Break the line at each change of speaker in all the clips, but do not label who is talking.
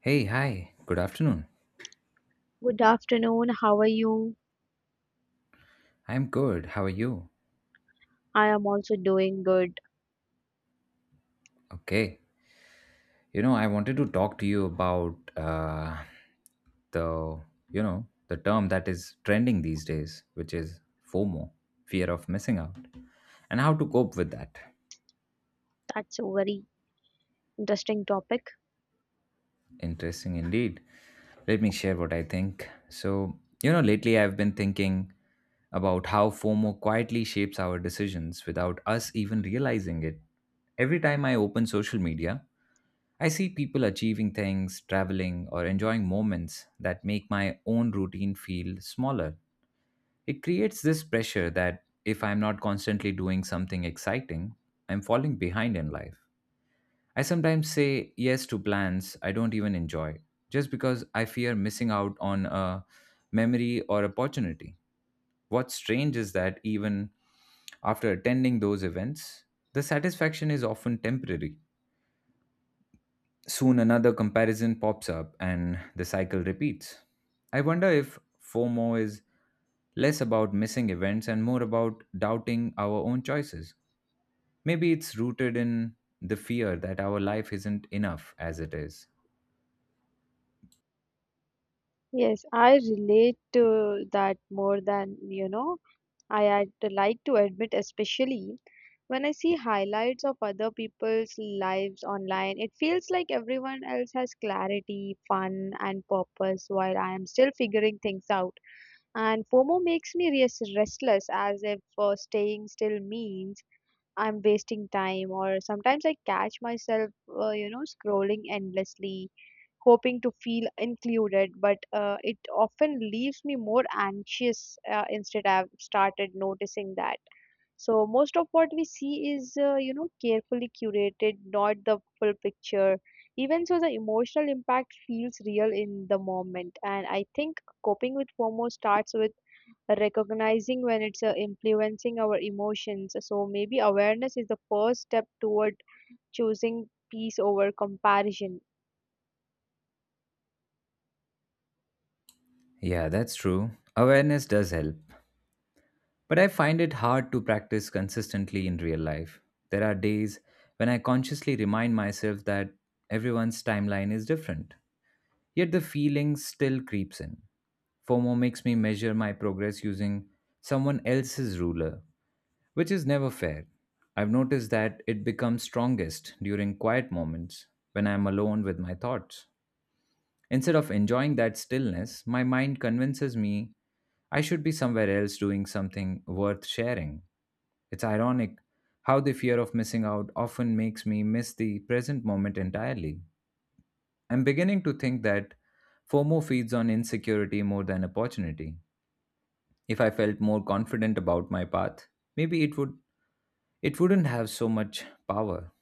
Hey, hi. Good afternoon.
Good afternoon. How are you?
I'm good. How are you?
I am also doing good.
Okay. I wanted to talk to you about the, the term that is trending these days, which is FOMO, fear of missing out, and how to cope with that.
That's a very interesting topic.
Interesting indeed. Let me share what I think. Lately I've been thinking about how FOMO quietly shapes our decisions without us even realizing it. Every time I open social media, I see people achieving things, traveling, or enjoying moments that make my own routine feel smaller. It creates this pressure that if I'm not constantly doing something exciting, I'm falling behind in life. I sometimes say yes to plans I don't even enjoy just because I fear missing out on a memory or opportunity. What's strange is that even after attending those events, the satisfaction is often temporary. Soon another comparison pops up and the cycle repeats. I wonder if FOMO is less about missing events and more about doubting our own choices. Maybe it's rooted in the fear that our life isn't enough as it is.
Yes, I relate to that more than you know. I had to like to admit, especially when I see highlights of other people's lives online, it feels like everyone else has clarity, fun, and purpose while I am still figuring things out. And FOMO makes me restless as if staying still means I'm wasting time, or sometimes I catch myself, scrolling endlessly, hoping to feel included, but it often leaves me more anxious. Instead, I've started noticing that. So most of what we see is, carefully curated, not the full picture. Even so, the emotional impact feels real in the moment, and I think coping with FOMO starts with recognizing when it's influencing our emotions. So maybe awareness is the first step toward choosing peace over comparison.
Yeah, that's true. Awareness does help, but I find it hard to practice consistently in real life. There are days when I consciously remind myself that everyone's timeline is different, yet the feeling still creeps in. FOMO makes me measure my progress using someone else's ruler, which is never fair. I've noticed that it becomes strongest during quiet moments when I'm alone with my thoughts. Instead of enjoying that stillness, my mind convinces me I should be somewhere else doing something worth sharing. It's ironic how the fear of missing out often makes me miss the present moment entirely. I'm beginning to think that FOMO feeds on insecurity more than opportunity. If I felt more confident about my path, maybe it wouldn't have so much power.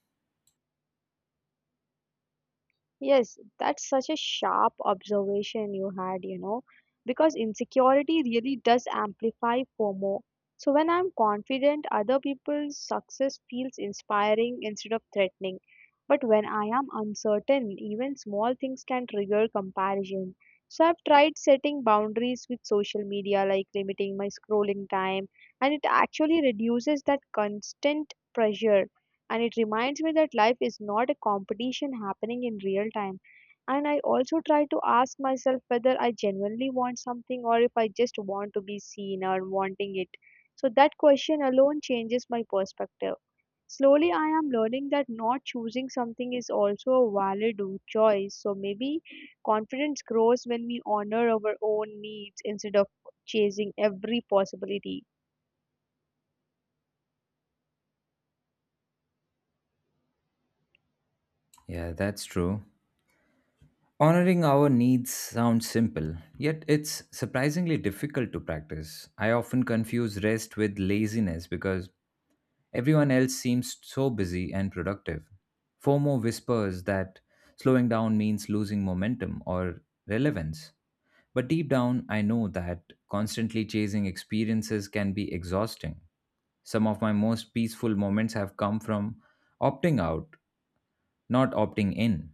Yes, that's such a sharp observation you had, you know, because insecurity really does amplify FOMO. So when I'm confident, other people's success feels inspiring instead of threatening. But when I am uncertain, even small things can trigger comparison. So I've tried setting boundaries with social media, like limiting my scrolling time, and it actually reduces that constant pressure, and it reminds me that life is not a competition happening in real time. And I also try to ask myself whether I genuinely want something or if I just want to be seen or wanting it. So that question alone changes my perspective. Slowly I am learning that not choosing something is also a valid choice. So maybe confidence grows when we honor our own needs instead of chasing every possibility.
Yeah, that's true. Honoring our needs sounds simple, yet it's surprisingly difficult to practice. I often confuse rest with laziness because everyone else seems so busy and productive. FOMO whispers that slowing down means losing momentum or relevance. But deep down, I know that constantly chasing experiences can be exhausting. Some of my most peaceful moments have come from opting out, not opting in.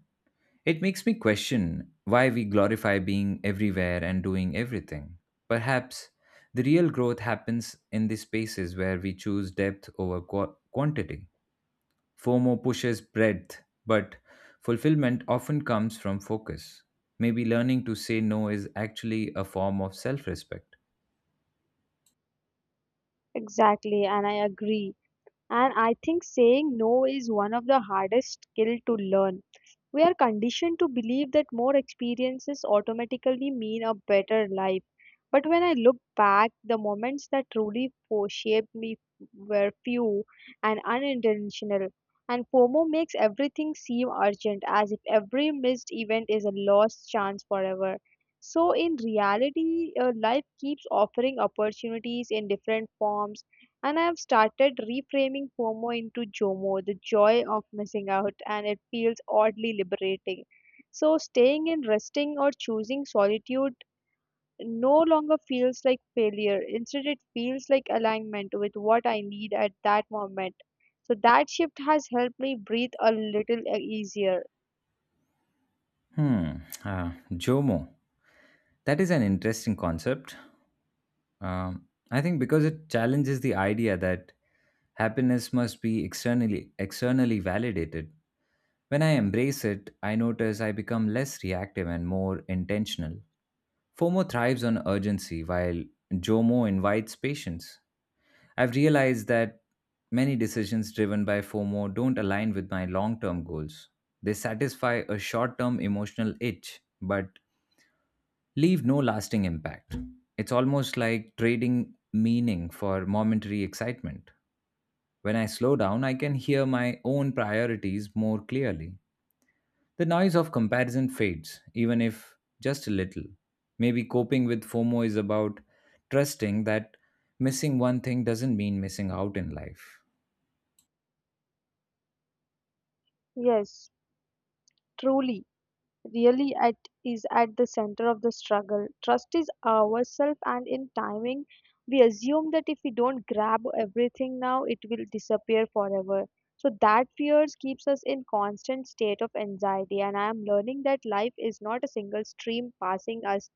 It makes me question why we glorify being everywhere and doing everything. Perhaps the real growth happens in the spaces where we choose depth over quantity. FOMO pushes breadth, but fulfillment often comes from focus. Maybe learning to say no is actually a form of self respect.
Exactly, and I agree. And I think saying no is one of the hardest skill to learn. We are conditioned to believe that more experiences automatically mean a better life. But when I look back, the moments that truly shaped me were few and unintentional. And FOMO makes everything seem urgent, as if every missed event is a lost chance forever. So, in reality, life keeps offering opportunities in different forms, and I have started reframing FOMO into JOMO, the joy of missing out, and it feels oddly liberating. So, staying in resting or choosing solitude no longer feels like failure. Instead, it feels like alignment with what I need at that moment. So, that shift has helped me breathe a little easier.
Hmm, Jomo. That is an interesting concept. I think because it challenges the idea that happiness must be externally validated. When I embrace it, I notice I become less reactive and more intentional. FOMO thrives on urgency while JOMO invites patience. I've realized that many decisions driven by FOMO don't align with my long-term goals. They satisfy a short-term emotional itch, but leave no lasting impact. It's almost like trading meaning for momentary excitement. When I slow down, I can hear my own priorities more clearly. The noise of comparison fades, even if just a little. Maybe coping with FOMO is about trusting that missing one thing doesn't mean missing out in life.
Yes, truly. Really at is at the center of the struggle. Trust is ourself and in timing. We assume that if we don't grab everything now, it will disappear forever. So that fears keeps us in constant state of anxiety. And I am learning that life is not a single stream passing us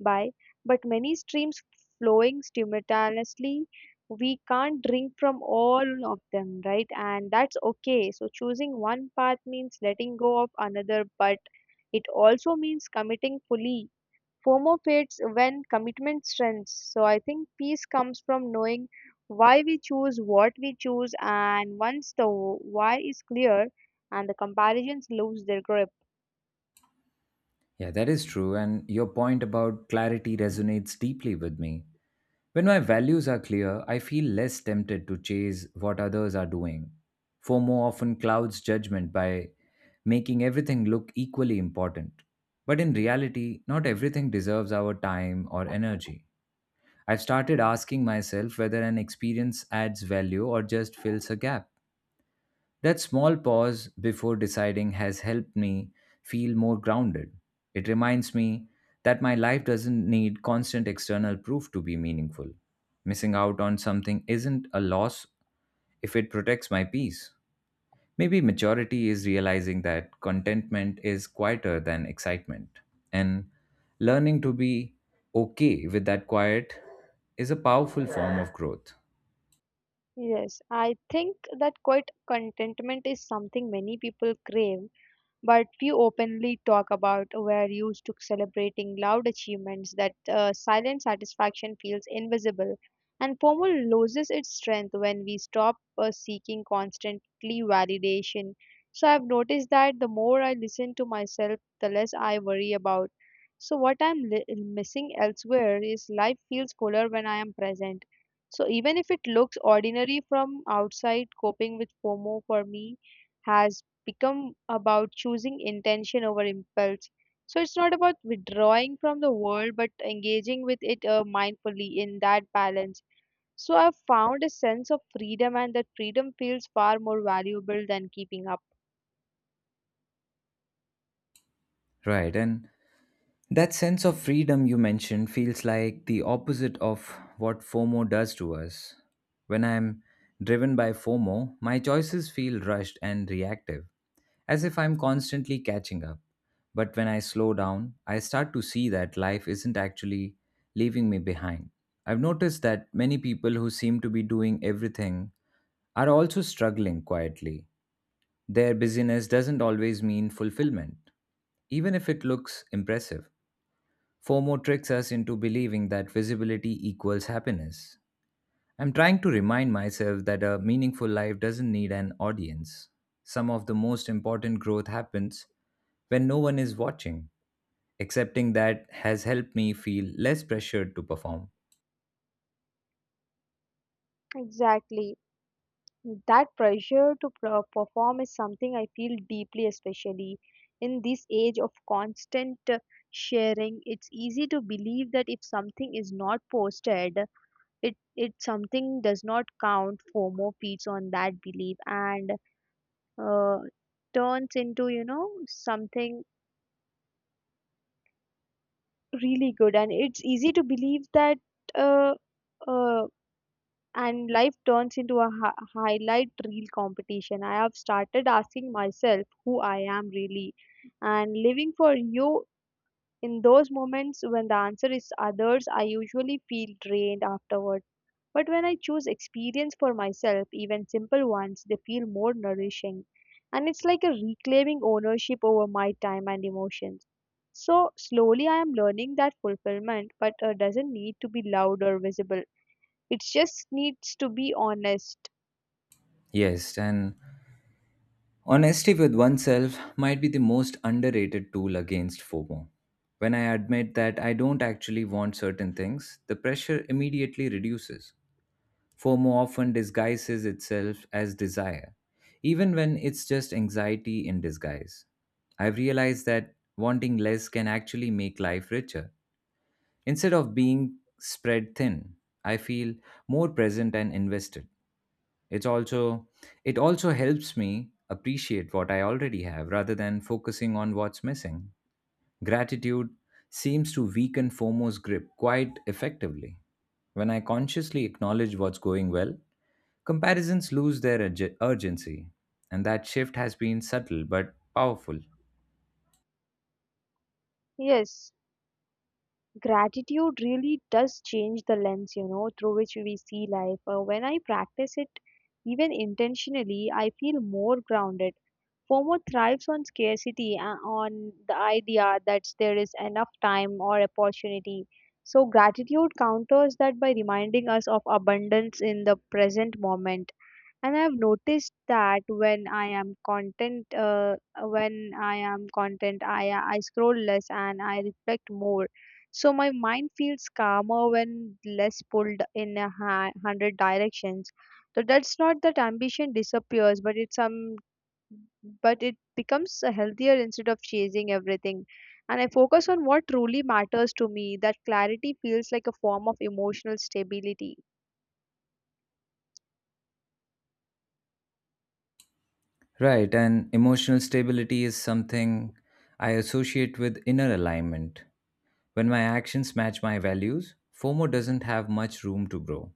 by, but many streams flowing simultaneously. We can't drink from all of them, right? And that's okay. So choosing one path means letting go of another, but it also means committing fully. FOMO fades when commitment strengthens. So I think peace comes from knowing why we choose what we choose, and once the why is clear, and the comparisons lose their grip.
Yeah, that is true. And your point about clarity resonates deeply with me. When my values are clear, I feel less tempted to chase what others are doing. FOMO often clouds judgment by making everything look equally important. But in reality, not everything deserves our time or energy. I've started asking myself whether an experience adds value or just fills a gap. That small pause before deciding has helped me feel more grounded. It reminds me that my life doesn't need constant external proof to be meaningful. Missing out on something isn't a loss if it protects my peace. Maybe maturity is realizing that contentment is quieter than excitement, and learning to be okay with that quiet is a powerful form of growth.
Yes, I think that quite contentment is something many people crave, but few openly talk about. We're used to celebrating loud achievements that silent satisfaction feels invisible. And FOMO loses its strength when we stop seeking constantly validation. So I've noticed that the more I listen to myself, the less I worry about. So what I'm missing elsewhere is life feels fuller when I am present. So even if it looks ordinary from outside, coping with FOMO for me has become about choosing intention over impulse. So it's not about withdrawing from the world, but engaging with it mindfully in that balance. So I've found a sense of freedom, and that freedom feels far more valuable than keeping up.
Right, and That sense of freedom you mentioned feels like the opposite of what FOMO does to us. When I'm driven by FOMO, my choices feel rushed and reactive, as if I'm constantly catching up. But when I slow down, I start to see that life isn't actually leaving me behind. I've noticed that many people who seem to be doing everything are also struggling quietly. Their busyness doesn't always mean fulfillment, even if it looks impressive. FOMO tricks us into believing that visibility equals happiness. I'm trying to remind myself that a meaningful life doesn't need an audience. Some of the most important growth happens when no one is watching. Accepting that has helped me feel less pressured to perform.
Exactly. That pressure to perform is something I feel deeply, especially in this age of constant sharing. It's easy to believe that if something is not posted, it something does not count. FOMO feeds on that belief, and uh, turns into you know something really good, and it's easy to believe that uh, uh, and life turns into a highlight reel competition. I have started asking myself who I am really and living for you. In those moments when the answer is others, I usually feel drained afterward. But when I choose experience for myself, even simple ones, they feel more nourishing. And it's like a reclaiming ownership over my time and emotions. So slowly I am learning that fulfillment, but doesn't need to be loud or visible. It just needs to be honest.
Yes, and honesty with oneself might be the most underrated tool against FOMO. When I admit that I don't actually want certain things, the pressure immediately reduces. FOMO often disguises itself as desire, even when it's just anxiety in disguise. I've realized that wanting less can actually make life richer. Instead of being spread thin, I feel more present and invested. It's also it also helps me appreciate what I already have rather than focusing on what's missing. Gratitude seems to weaken FOMO's grip quite effectively. When I consciously acknowledge what's going well, comparisons lose their urgency, and that shift has been subtle but powerful.
Yes. Gratitude really does change the lens, you know, through which we see life. When I practice it even intentionally, I feel more grounded. FOMO thrives on scarcity, on the idea that there is enough time or opportunity. So gratitude counters that by reminding us of abundance in the present moment. And I've noticed that when I am content, uh, when i am content i i scroll less and I reflect more. So my mind feels calmer when less pulled in a hundred directions. So that's not that ambition disappears, but it becomes healthier. Instead of chasing everything, and I focus on what truly matters to me. That clarity feels like a form of emotional stability.
Right, and emotional stability is something I associate with inner alignment. When my actions match my values, FOMO doesn't have much room to grow.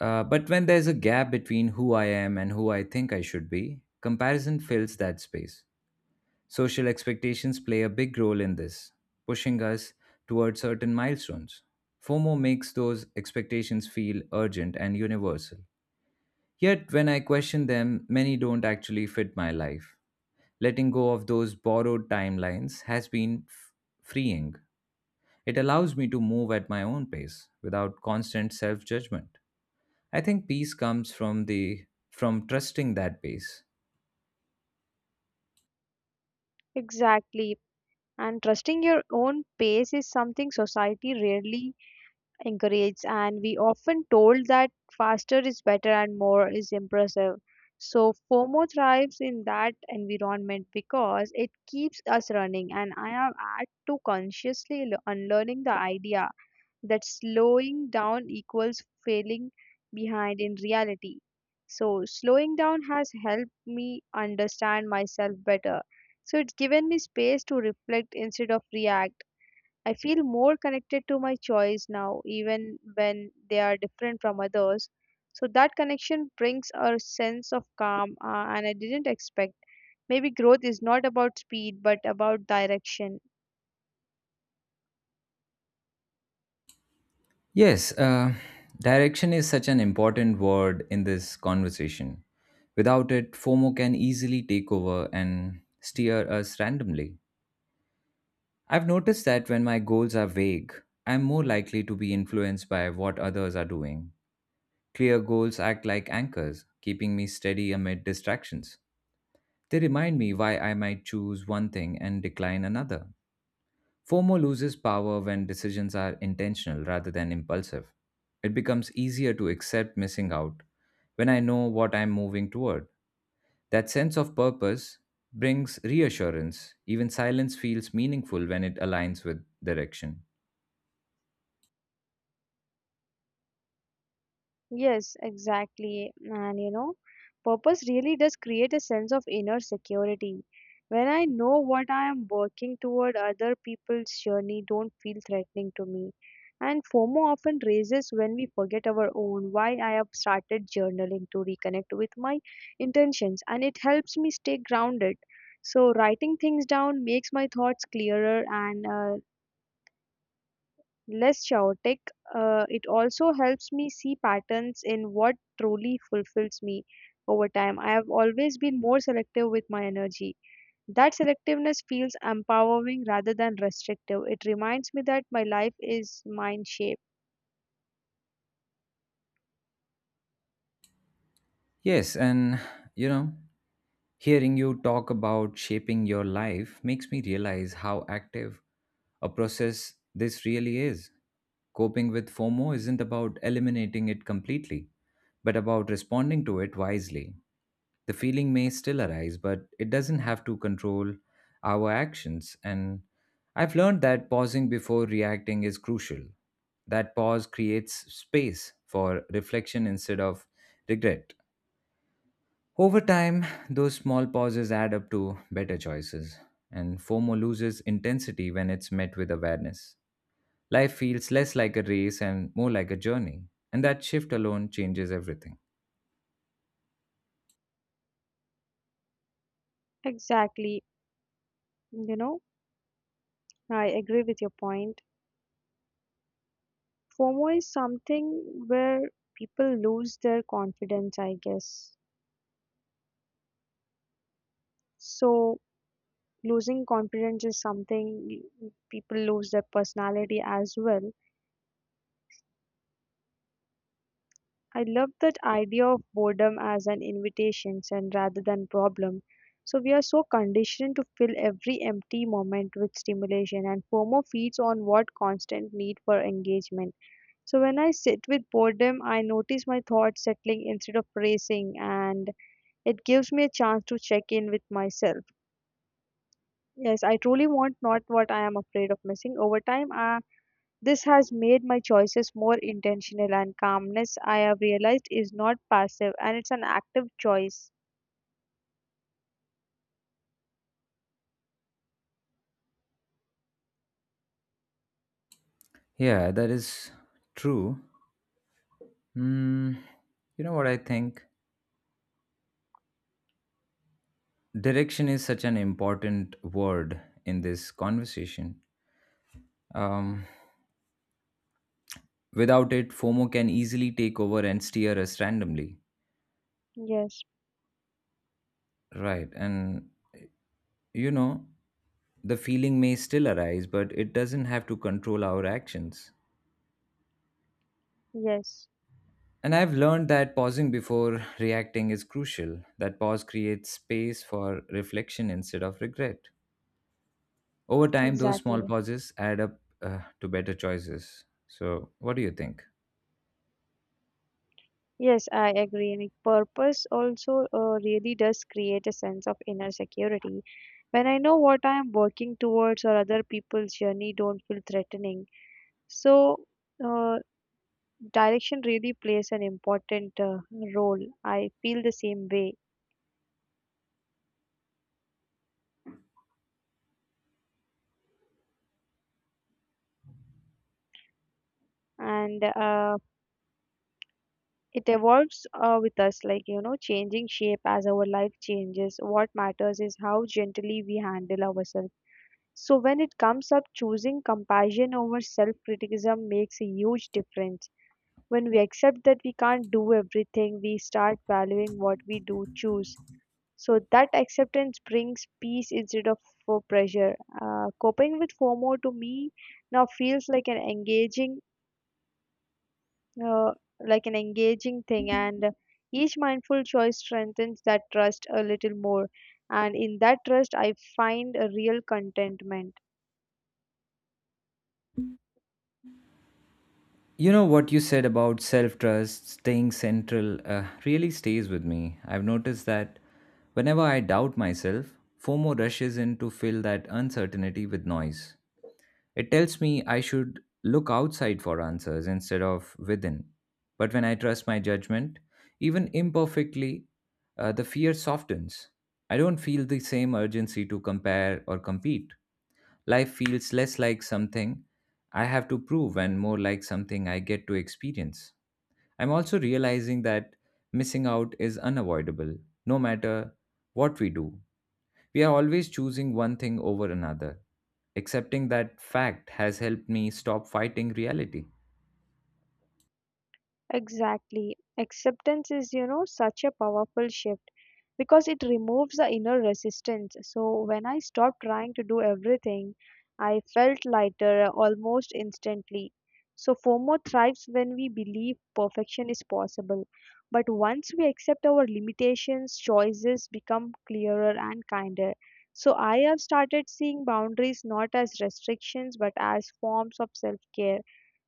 But when there's a gap between who I am and who I think I should be, comparison fills that space. Social expectations play a big role in this, pushing us toward certain milestones. FOMO makes those expectations feel urgent and universal. Yet, when I question them, many don't actually fit my life. Letting go of those borrowed timelines has been freeing. It allows me to move at my own pace without constant self judgment. I think peace comes from the from trusting that pace.
Exactly. And trusting your own pace is something society rarely encourages, and we often told that faster is better and more is impressive. So FOMO thrives in that environment because it keeps us running, and I am at to consciously unlearning the idea that slowing down equals failing behind in reality. So, slowing down has helped me understand myself better. So, it's given me space to reflect instead of react. I feel more connected to my choice now, even when they are different from others. So, that connection brings a sense of calm, and I didn't expect. Maybe growth is not about speed but about direction.
Yes, uh, direction is such an important word in this conversation. Without it, FOMO can easily take over and steer us randomly. I've noticed that when my goals are vague, I'm more likely to be influenced by what others are doing. Clear goals act like anchors, keeping me steady amid distractions. They remind me why I might choose one thing and decline another. FOMO loses power when decisions are intentional rather than impulsive. It becomes easier to accept missing out when I know what I'm moving toward. That sense of purpose brings reassurance. Even silence feels meaningful when it aligns with direction.
Yes, exactly. And you know, purpose really does create a sense of inner security. When I know what I am working toward, other people's journey don't feel threatening to me. And FOMO often raises when we forget our own. Why I have started journaling to reconnect with my intentions, and it helps me stay grounded. So writing things down makes my thoughts clearer and less chaotic. It also helps me see patterns in what truly fulfills me over time. I have always been more selective with my energy. That selectiveness feels empowering rather than restrictive. It reminds me that my life is mind shaped.
Yes, and you know, Hearing you talk about shaping your life makes me realize how active a process this really is. Coping with FOMO isn't about eliminating it completely, but about responding to it wisely. The feeling may still arise, but it doesn't have to control our actions. And I've learned that pausing before reacting is crucial. That pause creates space for reflection instead of regret. Over time, those small pauses add up to better choices, and FOMO loses intensity when it's met with awareness. Life feels less like a race and more like a journey, and that shift alone changes everything.
Exactly. You know, I agree with your point. FOMO is something where people lose their confidence, I guess. So, losing confidence is something people lose their personality as well. I love that idea of boredom as an invitation and rather than problem. So we are so conditioned to fill every empty moment with stimulation, and FOMO feeds on what constant need for engagement. So when I sit with boredom, I notice my thoughts settling instead of racing. And it gives me a chance to check in with myself. Yes, I truly want not what I am afraid of missing over time. I. This has made my choices more intentional, and calmness I have realized is not passive and it's an active choice.
Yeah, that is true. Hmm, you know what I think? Direction is such an important word in this conversation. Um, without it, FOMO can easily take over and steer us randomly.
Yes,
Right, and you know, The feeling may still arise, but it doesn't have to control our actions.
yes,
And I've learned that pausing before reacting is crucial, that pause creates space for reflection instead of regret. Over time, those small
exactly.
pauses add up to better choices. So, what do you think?
Yes, I agree. And purpose also really does create a sense of inner security. When I know what I am working towards or other people's journey don't feel threatening. So, uh, direction really plays an important role. I feel the same way. And it evolves with us, like you know, changing shape as our life changes. What matters is how gently we handle ourselves. So when it comes up, choosing compassion over self criticism makes a huge difference. When we accept that we can't do everything, we start valuing what we do choose. So that acceptance brings peace instead of for pressure. Coping with FOMO to me now feels like an engaging uh, thing, and each mindful choice strengthens that trust a little more. And in that trust I find a real contentment.
You know what you said about self trust, staying central, really stays with me. I've noticed that whenever I doubt myself, FOMO rushes in to fill that uncertainty with noise. It tells me I should look outside for answers instead of within. But when I trust my judgment, even imperfectly, the fear softens. I don't feel the same urgency to compare or compete. Life feels less like something I have to prove and more like something I get to experience. I'm also realizing that missing out is unavoidable, no matter what we do. We are always choosing one thing over another. Accepting that fact has helped me stop fighting reality.
Exactly. Acceptance is, you know, such a powerful shift because it removes the inner resistance. So when I stopped trying to do everything, I felt lighter almost instantly. So FOMO thrives when we believe perfection is possible. But once we accept our limitations, choices become clearer and kinder. So I have started seeing boundaries not as restrictions but as forms of self-care.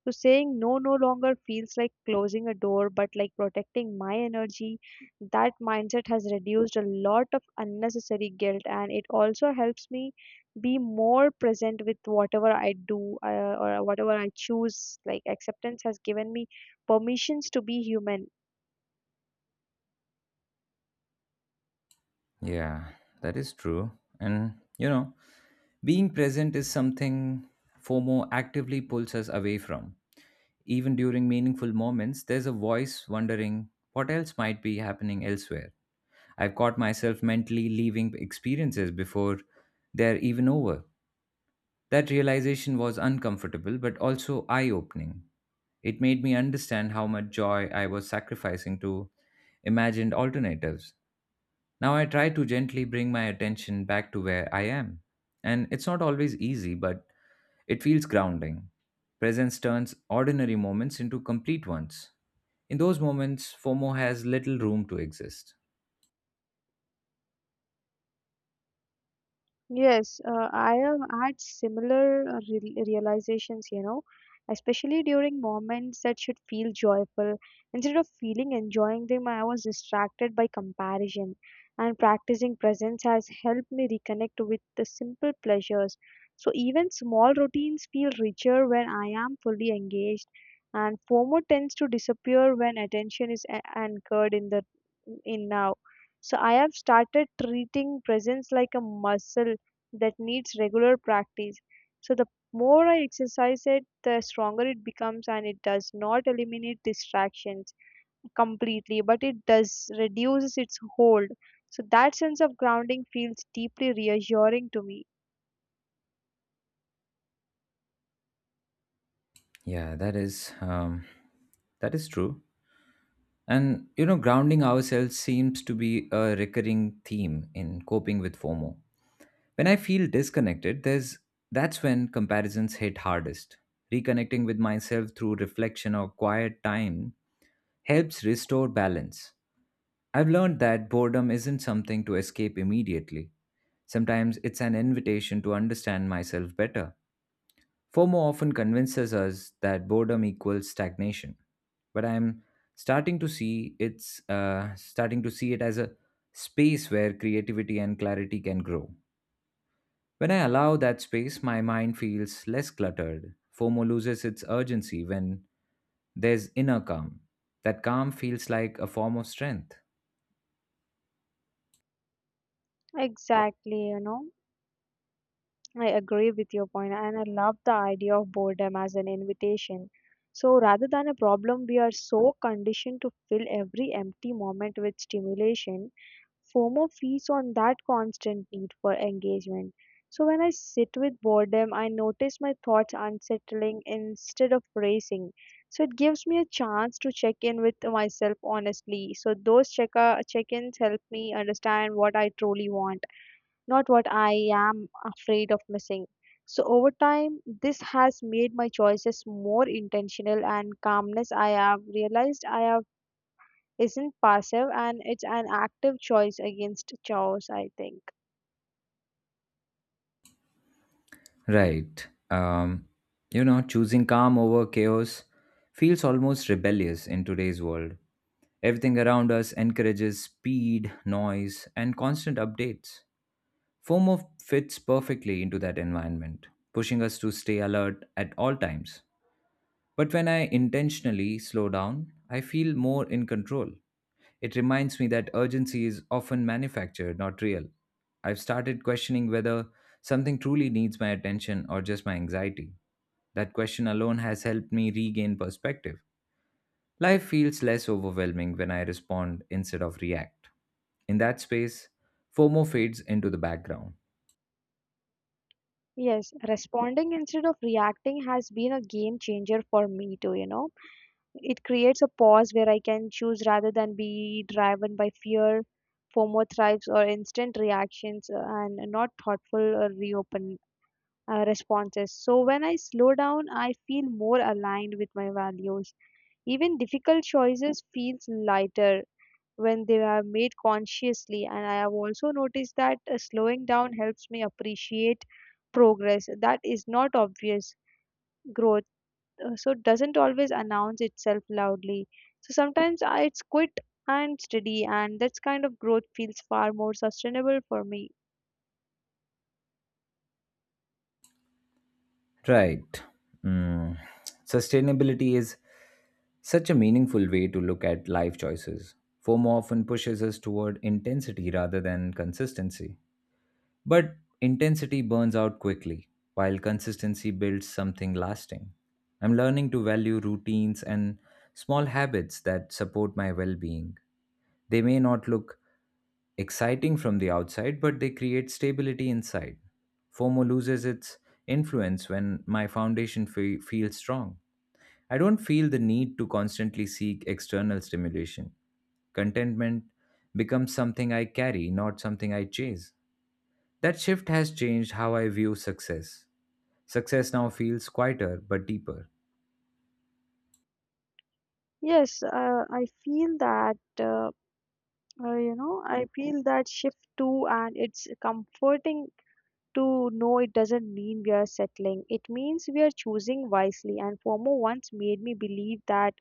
So saying no no longer feels like closing a door, but like protecting my energy. That mindset has reduced a lot of unnecessary guilt, and it also helps me be more present with whatever I do or whatever I choose. Like acceptance has given me permissions to be human.
Yeah, that is true. And, you know, Being present is something FOMO actively pulls us away from. Even during meaningful moments, there's a voice wondering what else might be happening elsewhere. I've caught myself mentally leaving experiences before they're even over. That realization was uncomfortable but also eye opening. It made me understand how much joy I was sacrificing to imagined alternatives. Now I try to gently bring my attention back to where I am. And it's not always easy, but it feels grounding. Presence turns ordinary moments into complete ones. In those moments, FOMO has little room to exist.
Yes, I have had similar re realizations, you know, especially during moments that should feel joyful. Instead of feeling enjoying them, I was distracted by comparison, and practicing presence has helped me reconnect with the simple pleasures. So even small routines feel richer when I am fully engaged, and FOMO tends to disappear when attention is a anchored in the in now. So I have started treating presence like a muscle that needs regular practice. So the more I exercise it, the stronger it becomes, and it does not eliminate distractions completely, but it does reduces its hold. So that sense of grounding feels deeply reassuring to me.
Yeah, that is um, that is true. And you know, grounding ourselves seems to be a recurring theme in coping with FOMO. When I feel disconnected, there's that's when comparisons hit hardest. Reconnecting with myself through reflection or quiet time helps restore balance. I've learned that boredom isn't something to escape immediately. Sometimes it's an invitation to understand myself better. FOMO often convinces us that boredom equals stagnation, but I'm starting to see it's starting to see it as a space where creativity and clarity can grow. When I allow that space, my mind feels less cluttered. FOMO loses its urgency when there's inner calm. That calm feels like a form of strength.
Exactly, you know, I agree with your point, and I love the idea of boredom as an invitation. So rather than a problem, we are so conditioned to fill every empty moment with stimulation. FOMO feeds on that constant need for engagement. So when I sit with boredom, I notice my thoughts unsettling instead of racing. So it gives me a chance to check in with myself honestly. So those check-ins help me understand what I truly want, not what I am afraid of missing. So over time, this has made my choices more intentional and calmness. I have realized I have isn't passive and it's an active choice against chaos, I think.
Right. You know, choosing calm over chaos feels almost rebellious in today's world. Everything around us encourages speed, noise, and constant updates. FOMO fits perfectly into that environment, pushing us to stay alert at all times. But when I intentionally slow down, I feel more in control. It reminds me that urgency is often manufactured, not real. I've started questioning whether something truly needs my attention or just my anxiety. That question alone has helped me regain perspective. Life feels less overwhelming when I respond instead of react. In that space, FOMO fades into the background.
Yes, responding instead of reacting has been a game changer for me too, you know. It creates a pause where I can choose rather than be driven by fear. FOMO thrives, or instant reactions and not thoughtful or reopen responses. So when I slow down, I feel more aligned with my values. Even difficult choices feels lighter when they are made consciously. And I have also noticed that slowing down helps me appreciate progress that is not obvious growth. So doesn't always announce itself loudly. So sometimes I, it's quit and steady, and that kind of growth feels far more sustainable for me.
Right. Mm. Sustainability is such a meaningful way to look at life choices. FOMO often pushes us toward intensity rather than consistency. But intensity burns out quickly, while consistency builds something lasting. I'm learning to value routines and small habits that support my well being. They may not look exciting from the outside, but they create stability inside. FOMO loses its influence when my foundation feels strong. I don't feel the need to constantly seek external stimulation. Contentment becomes something I carry, not something I chase. That shift has changed how I view success. Success now feels quieter but deeper.
Yes, I feel that you know, I feel that shift too, and it's comforting to no it doesn't mean we are settling. It means we are choosing wisely. And FOMO once made me believe that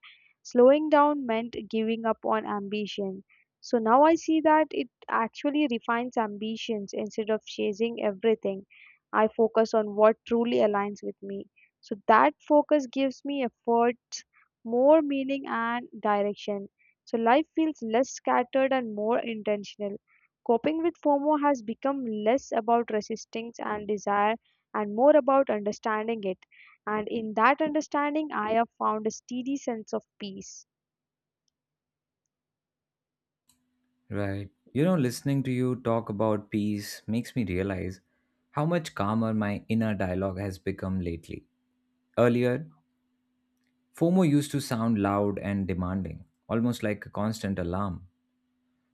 slowing down meant giving up on ambition. So now I see that it actually refines ambitions. Instead of chasing everything, I focus on what truly aligns with me. So that focus gives me efforts more meaning and direction. So life feels less scattered and more intentional. Coping with FOMO has become less about resisting and desire, and more about understanding it. And in that understanding, I have found a steady sense of peace.
Right. You know, listening to you talk about peace makes me realize how much calmer my inner dialogue has become lately. Earlier, FOMO used to sound loud and demanding, almost like a constant alarm.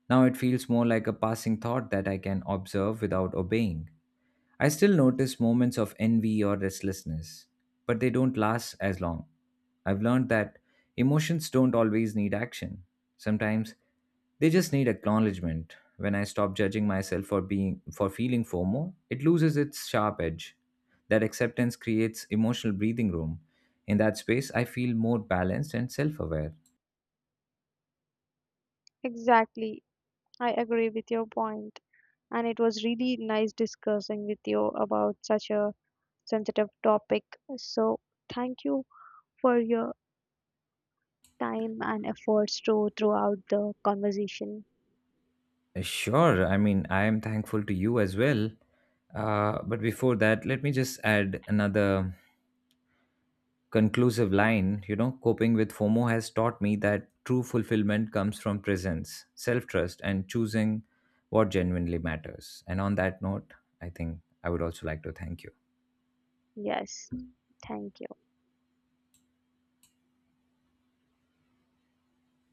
Now it feels more like a passing thought that I can observe without obeying. I still notice moments of envy or restlessness, but they don't last as long. I've learned that emotions don't always need action. Sometimes they just need acknowledgement. When I stop judging myself for being for feeling FOMO, it loses its sharp edge. That acceptance creates emotional breathing room. In that space, I feel more balanced and self-aware.
Exactly. I agree with your point. And it was really nice discussing with you about such a sensitive topic. So, thank you for your time and efforts to throughout the conversation.
Sure, I mean, I am thankful to you as well. But before that, let me just add another conclusive line, you know, coping with FOMO has taught me that true fulfillment comes from presence, self trust, and choosing what genuinely matters. And on that note, I think I would also like to thank you.
Yes. Thank you.